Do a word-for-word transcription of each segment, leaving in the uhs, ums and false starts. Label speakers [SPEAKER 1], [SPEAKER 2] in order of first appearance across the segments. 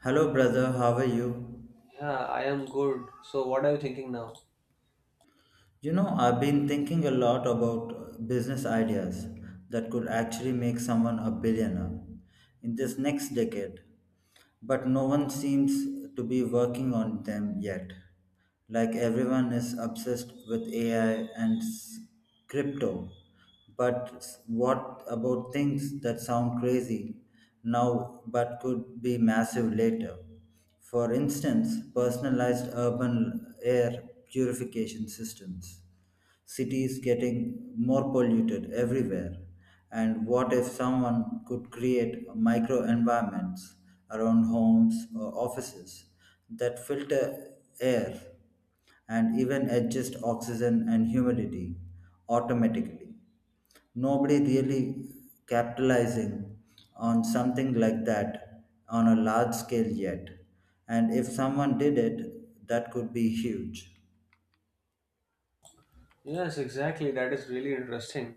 [SPEAKER 1] Hello, brother. How are you?
[SPEAKER 2] Yeah, I am good. So, what are you thinking now?
[SPEAKER 1] You know, I've been thinking a lot about uh, business ideas that could actually make someone a billionaire in this next decade, but no one seems to be working on them yet. Like everyone is obsessed with A I and s- crypto. But s- what about things that sound crazy now but could be massive later? For instance, personalized urban air purification systems. City is getting more polluted everywhere, and what if someone could create micro environments around homes or offices that filter air and even adjust oxygen and humidity automatically? Nobody really capitalizing on something like that on a large scale yet. And if someone did it, that could be huge.
[SPEAKER 2] Yes, exactly. That is really interesting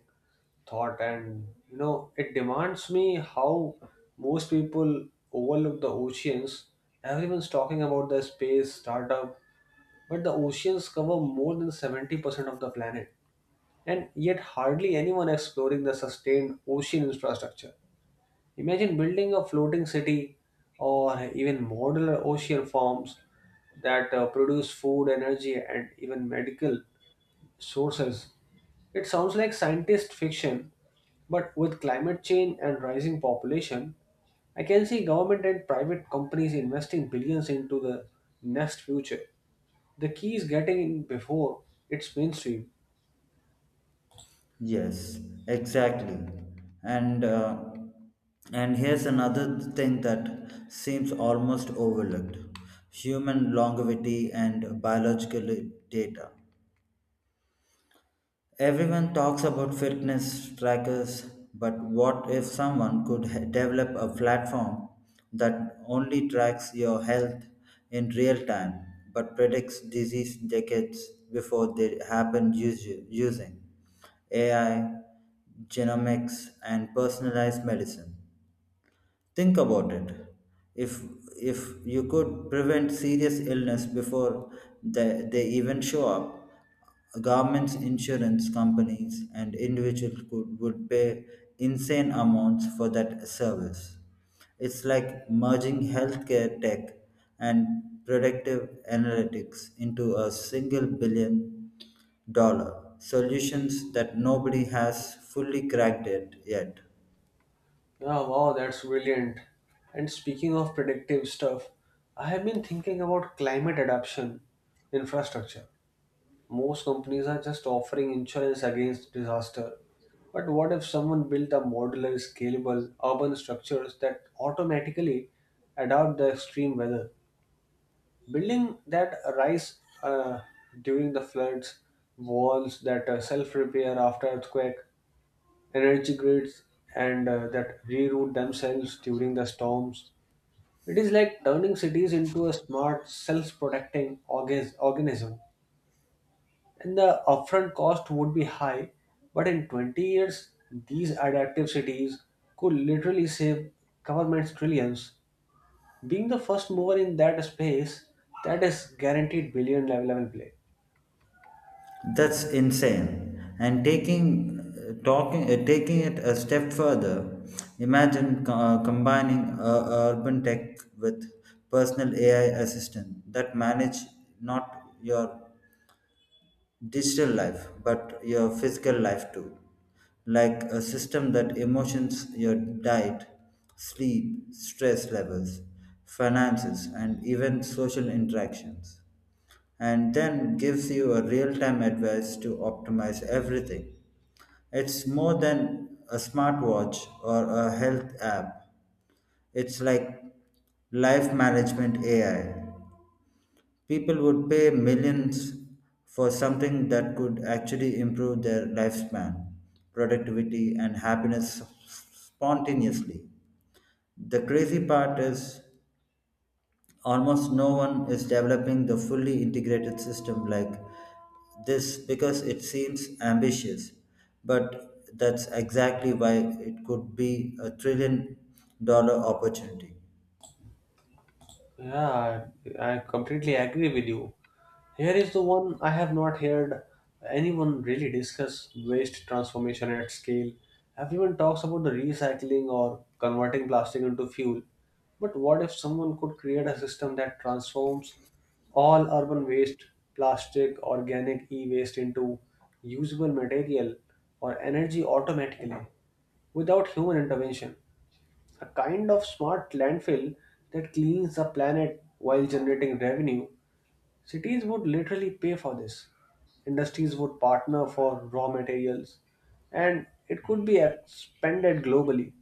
[SPEAKER 2] thought, and you know, it demands me how most people overlook the oceans. Everyone's talking about the space startup, but the oceans cover more than seventy percent of the planet, and yet hardly anyone exploring the sustained ocean infrastructure. Imagine building a floating city or even modular ocean farms that uh, produce food, energy, and even medical sources. It sounds like scientist fiction, but with climate change and rising population, I can see government and private companies investing billions into the next future. The key is getting in before it's mainstream.
[SPEAKER 1] Yes, exactly. And uh, and here's another thing that seems almost overlooked: human longevity and biological data. Everyone talks about fitness trackers, but what if someone could h- develop a platform that only tracks your health in real time but predicts disease decades before they happen usu- using A I, genomics, and personalized medicine? Think about it. If if you could prevent serious illness before they, they even show up, governments, insurance companies, and individuals could, would pay insane amounts for that service. It's like merging healthcare tech and predictive analytics into a single billion dollar solutions that nobody has fully cracked it yet.
[SPEAKER 2] Yeah, wow, that's brilliant. And speaking of predictive stuff, I have been thinking about climate adaptation infrastructure. Most companies are just offering insurance against disaster. But what if someone built a modular, scalable urban structures that automatically adapt the extreme weather? Building that rise uh, during the floods, walls that uh, self repair after earthquake, energy grids and uh, that reroute themselves during the storms. It is like turning cities into a smart, self protecting organism. And the upfront cost would be high, but in twenty years, these adaptive cities could literally save governments trillions. Being the first mover in that space, that is guaranteed billion level level play.
[SPEAKER 1] That's insane. And taking uh, talking uh, taking it a step further, imagine uh, combining uh, urban tech with personal A I assistant that manage not your digital life, but your physical life too. Like a system that emotions your diet, sleep, stress levels, finances, and even social interactions. And then gives you a real time advice to optimize everything. It's more than a smartwatch or a health app. It's like life management A I. People would pay millions for something that could actually improve their lifespan, productivity, and happiness spontaneously. The crazy part is almost no one is developing the fully integrated system like this because it seems ambitious, but that's exactly why it could be a trillion dollar opportunity.
[SPEAKER 2] Yeah, I, I completely agree with you. Here is the one I have not heard anyone really discuss waste transformation at scale. Everyone talks about the recycling or converting plastic into fuel. But what if someone could create a system that transforms all urban waste, plastic, organic e waste into usable material or energy automatically without human intervention? A kind of smart landfill that cleans the planet while generating revenue, cities would literally pay for this. Industries would partner for raw materials, and it could be expanded globally.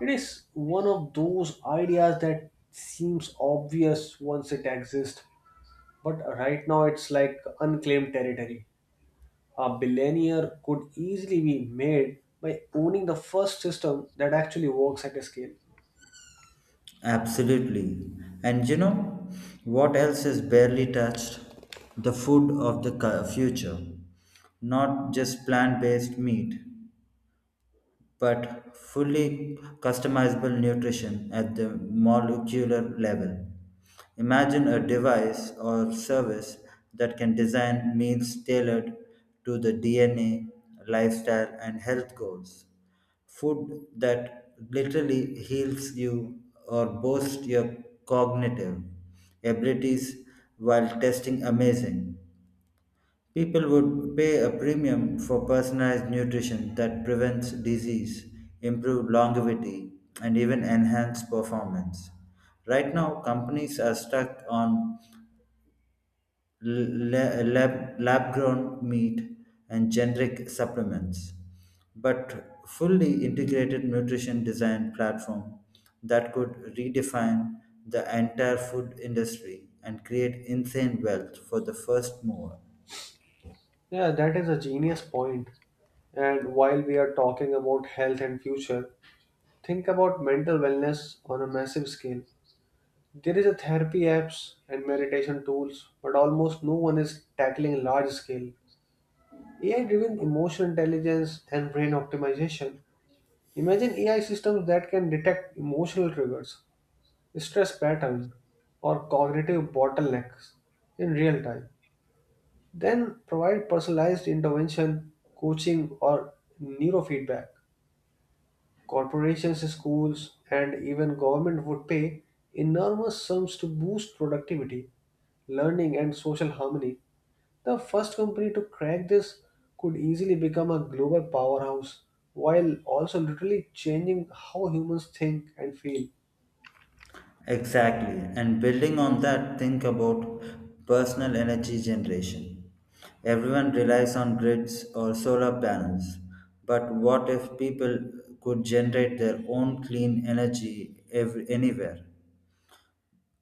[SPEAKER 2] It is one of those ideas that seems obvious once it exists, but right now it's like unclaimed territory. A billionaire could easily be made by owning the first system that actually works at a scale.
[SPEAKER 1] Absolutely. And you know what else is barely touched? The food of the cu- future. Not just plant based meat, but fully customizable nutrition at the molecular level. Imagine a device or service that can design meals tailored to the D N A, lifestyle, and health goals. Food that literally heals you or boosts your cognitive abilities while tasting amazing. People would pay a premium for personalized nutrition that prevents disease, improves longevity, and even enhances performance. Right now, companies are stuck on la- lab, lab grown meat, and generic supplements. But fully integrated nutrition design platform that could redefine the entire food industry and create insane wealth for the first mover.
[SPEAKER 2] Yeah, that is a genius point. And while we are talking about health and future, think about mental wellness on a massive scale. There is a therapy apps and meditation tools, but almost no one is tackling large scale. A I driven emotional intelligence and brain optimization. Imagine A I systems that can detect emotional triggers, stress pattern, or cognitive bottlenecks in real time. Then provide personalized intervention, coaching, or neurofeedback. Corporations, schools, and even government would pay enormous sums to boost productivity, learning, and social harmony. The first company to crack this could easily become a global powerhouse while also literally changing how humans think and feel.
[SPEAKER 1] Exactly. And building on that, think about personal energy generation. Everyone relies on grids or solar panels. But what if people could generate their own clean energy ev- anywhere?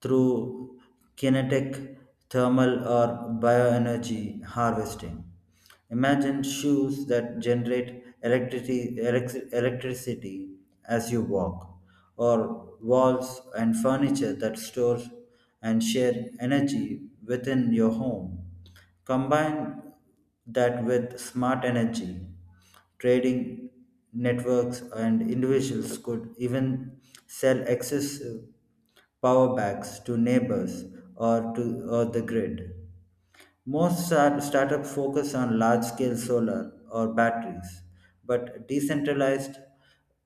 [SPEAKER 1] Through kinetic, thermal, or bioenergy harvesting. Imagine shoes that generate electricity, elec- electricity as you walk, or walls and furniture that store and share energy within your home. Combine that with smart energy, trading networks, and individuals could even sell excess power backs to neighbors or to or the grid. Most start, startups focus on large-scale solar or batteries, but decentralized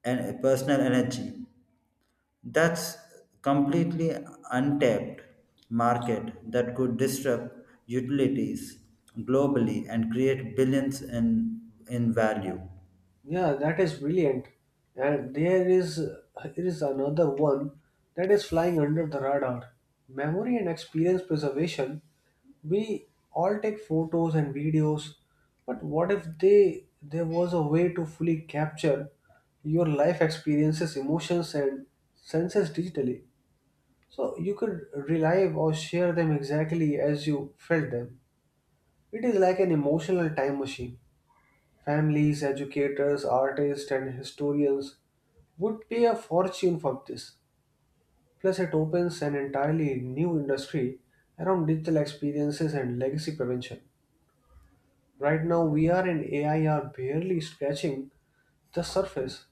[SPEAKER 1] and personal energy. That's completely untapped market that could disrupt utilities globally and create billions in in value.
[SPEAKER 2] Yeah, that is brilliant. And there is there is another one that is flying under the radar. Memory and experience preservation. We all take photos and videos, but what if they there was a way to fully capture your life experiences, emotions and senses digitally? So you could relive or share them exactly as you felt them. It is like an emotional time machine. Families, educators, artists, and historians would pay a fortune for this. Plus, it opens an entirely new industry around digital experiences and legacy prevention. Right now, V R and A I are barely scratching the surface,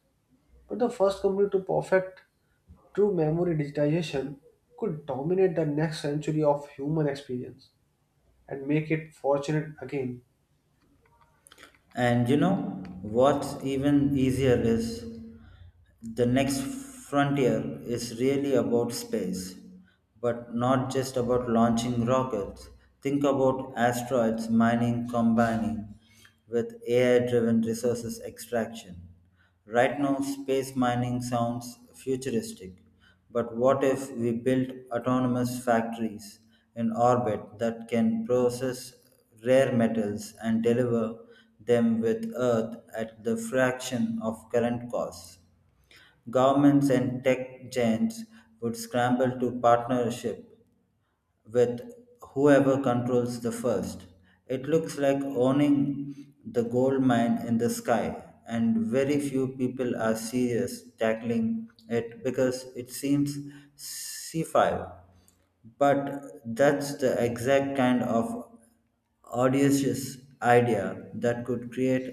[SPEAKER 2] but the first company to perfect true memory digitization could dominate the next century of human experience and make it fortunate again.
[SPEAKER 1] And you know what's even easier is the next frontier is really about space, but not just about launching rockets. Think about asteroids mining combining with A I driven resources extraction. Right now, space mining sounds futuristic, but what if we built autonomous factories in orbit that can process rare metals and deliver them with Earth at the fraction of current costs? Governments and tech giants would scramble to partnership with whoever controls the first. It looks like owning the gold mine in the sky, and very few people are serious tackling it because it seems C five. But that's the exact kind of audacious idea that could create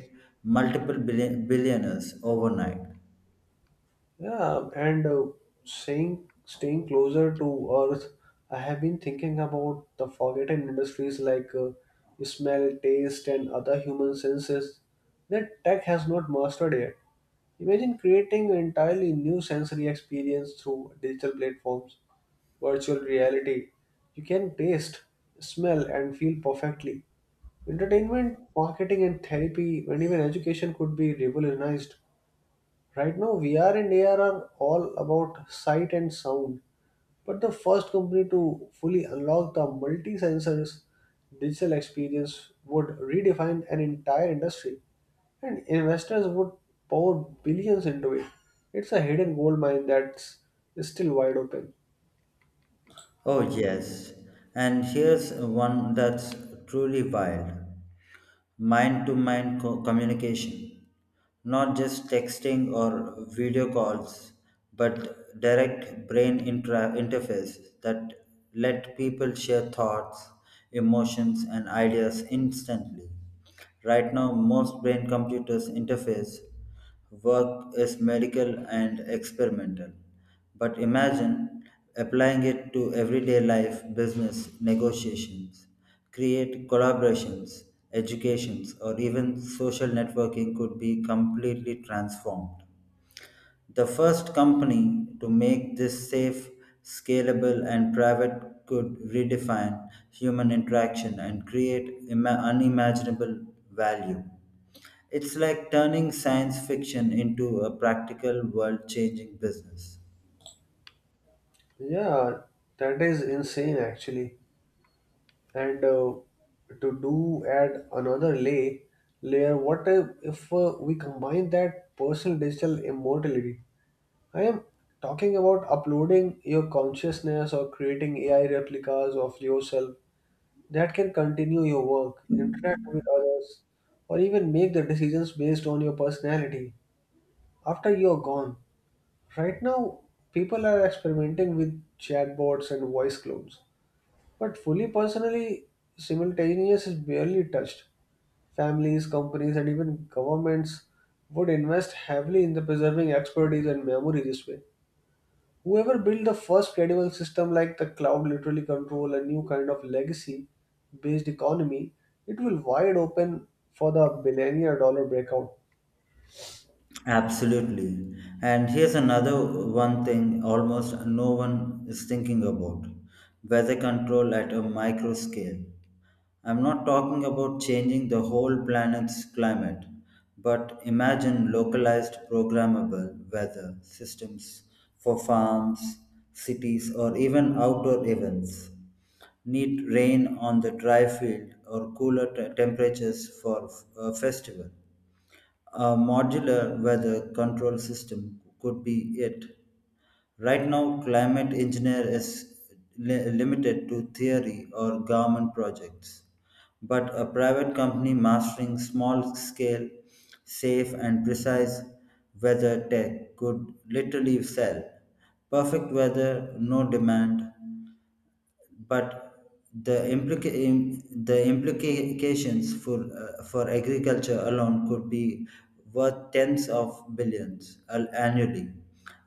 [SPEAKER 1] multiple billion- billionaires overnight.
[SPEAKER 2] Yeah, and uh, saying staying closer to Earth, I have been thinking about the forgotten industries like uh, smell, taste, and other human senses that tech has not mastered yet. Imagine creating an entirely new sensory experience through digital platforms, virtual reality. You can taste, smell, and feel perfectly. Entertainment, marketing, and therapy, and even education could be revolutionized. Right now, V R and A R are all about sight and sound, but the first company to fully unlock the multi sensors digital experience would redefine an entire industry, and investors would pour billions into it. It's a hidden gold mine that's still wide open.
[SPEAKER 1] Oh, yes. And here's one that's truly wild. Mind to mind communication, not just texting or video calls, but direct brain intra- interfaces that let people share thoughts, emotions, and ideas instantly. Right now, most brain computers interface work is medical and experimental, but imagine applying it to everyday life, business, negotiations, create collaborations, educations, or even social networking could be completely transformed. The first company to make this safe, scalable, and private could redefine human interaction and create ima- unimaginable value. It's like turning science fiction into a practical, world changing business.
[SPEAKER 2] Yeah, that is insane actually. And uh, to do add another lay layer, what if, if uh, we combine that personal digital immortality. I am talking about uploading your consciousness or creating A I replicas of yourself that can continue your work, interact with others, or even make the decisions based on your personality after you are gone. Right now, people are experimenting with chatbots and voice clones, but fully personally, simultaneous is barely touched. Families, companies, and even governments would invest heavily in the preserving expertise and memory this way. Whoever built the first credible system like the cloud literally control a new kind of legacy based economy, it will wide open for the billionaire dollar breakout.
[SPEAKER 1] Absolutely. And here's another one thing almost no one is thinking about weather control at a micro scale. I'm not talking about changing the whole planet's climate, but imagine localized programmable weather systems for farms, cities, or even outdoor events. Need rain on the dry field or cooler te- temperatures for a festival. A modular weather control system could be it. Right now, climate engineer is li- limited to theory or government projects, but a private company mastering small scale, safe, and precise weather tech could literally sell perfect weather, no demand, but the implica- im- the implications for uh, for agriculture alone could be worth tens of billions al- annually,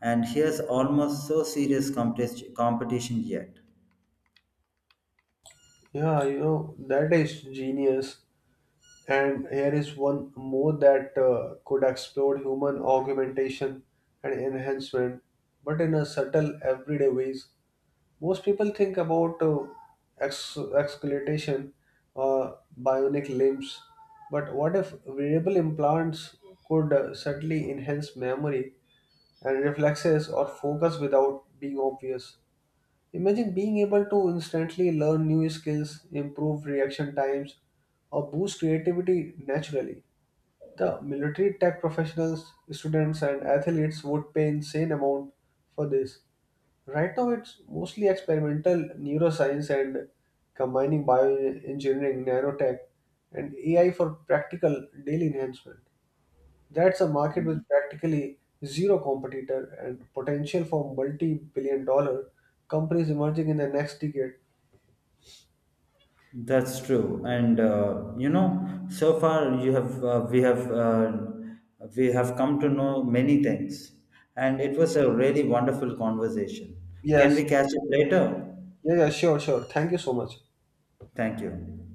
[SPEAKER 1] and here's almost so serious competi- competition yet.
[SPEAKER 2] Yeah, you know, that is genius. And here is one more that uh, could explore human augmentation and enhancement, but in a subtle, everyday ways. Most people think about uh, ex- exculation or bionic limbs, but what if variable implants could uh, subtly enhance memory and reflexes or focus without being obvious? Imagine being able to instantly learn new skills, improve reaction times, or boost creativity naturally. The military tech professionals, students, and athletes would pay insane amount for this. Right now, it's mostly experimental neuroscience and combining bioengineering, nanotech, and A I for practical daily enhancement. That's a market with practically zero competitor and potential for multi billion dollar companies emerging in the next decade.
[SPEAKER 1] That's true, and uh, you know, so far you have uh, we have uh, we have come to know many things, and it was a really wonderful conversation. Can
[SPEAKER 2] Yes,
[SPEAKER 1] we catch up later?
[SPEAKER 2] yeah, yeah, sure, sure. Thank you so much.
[SPEAKER 1] Thank you.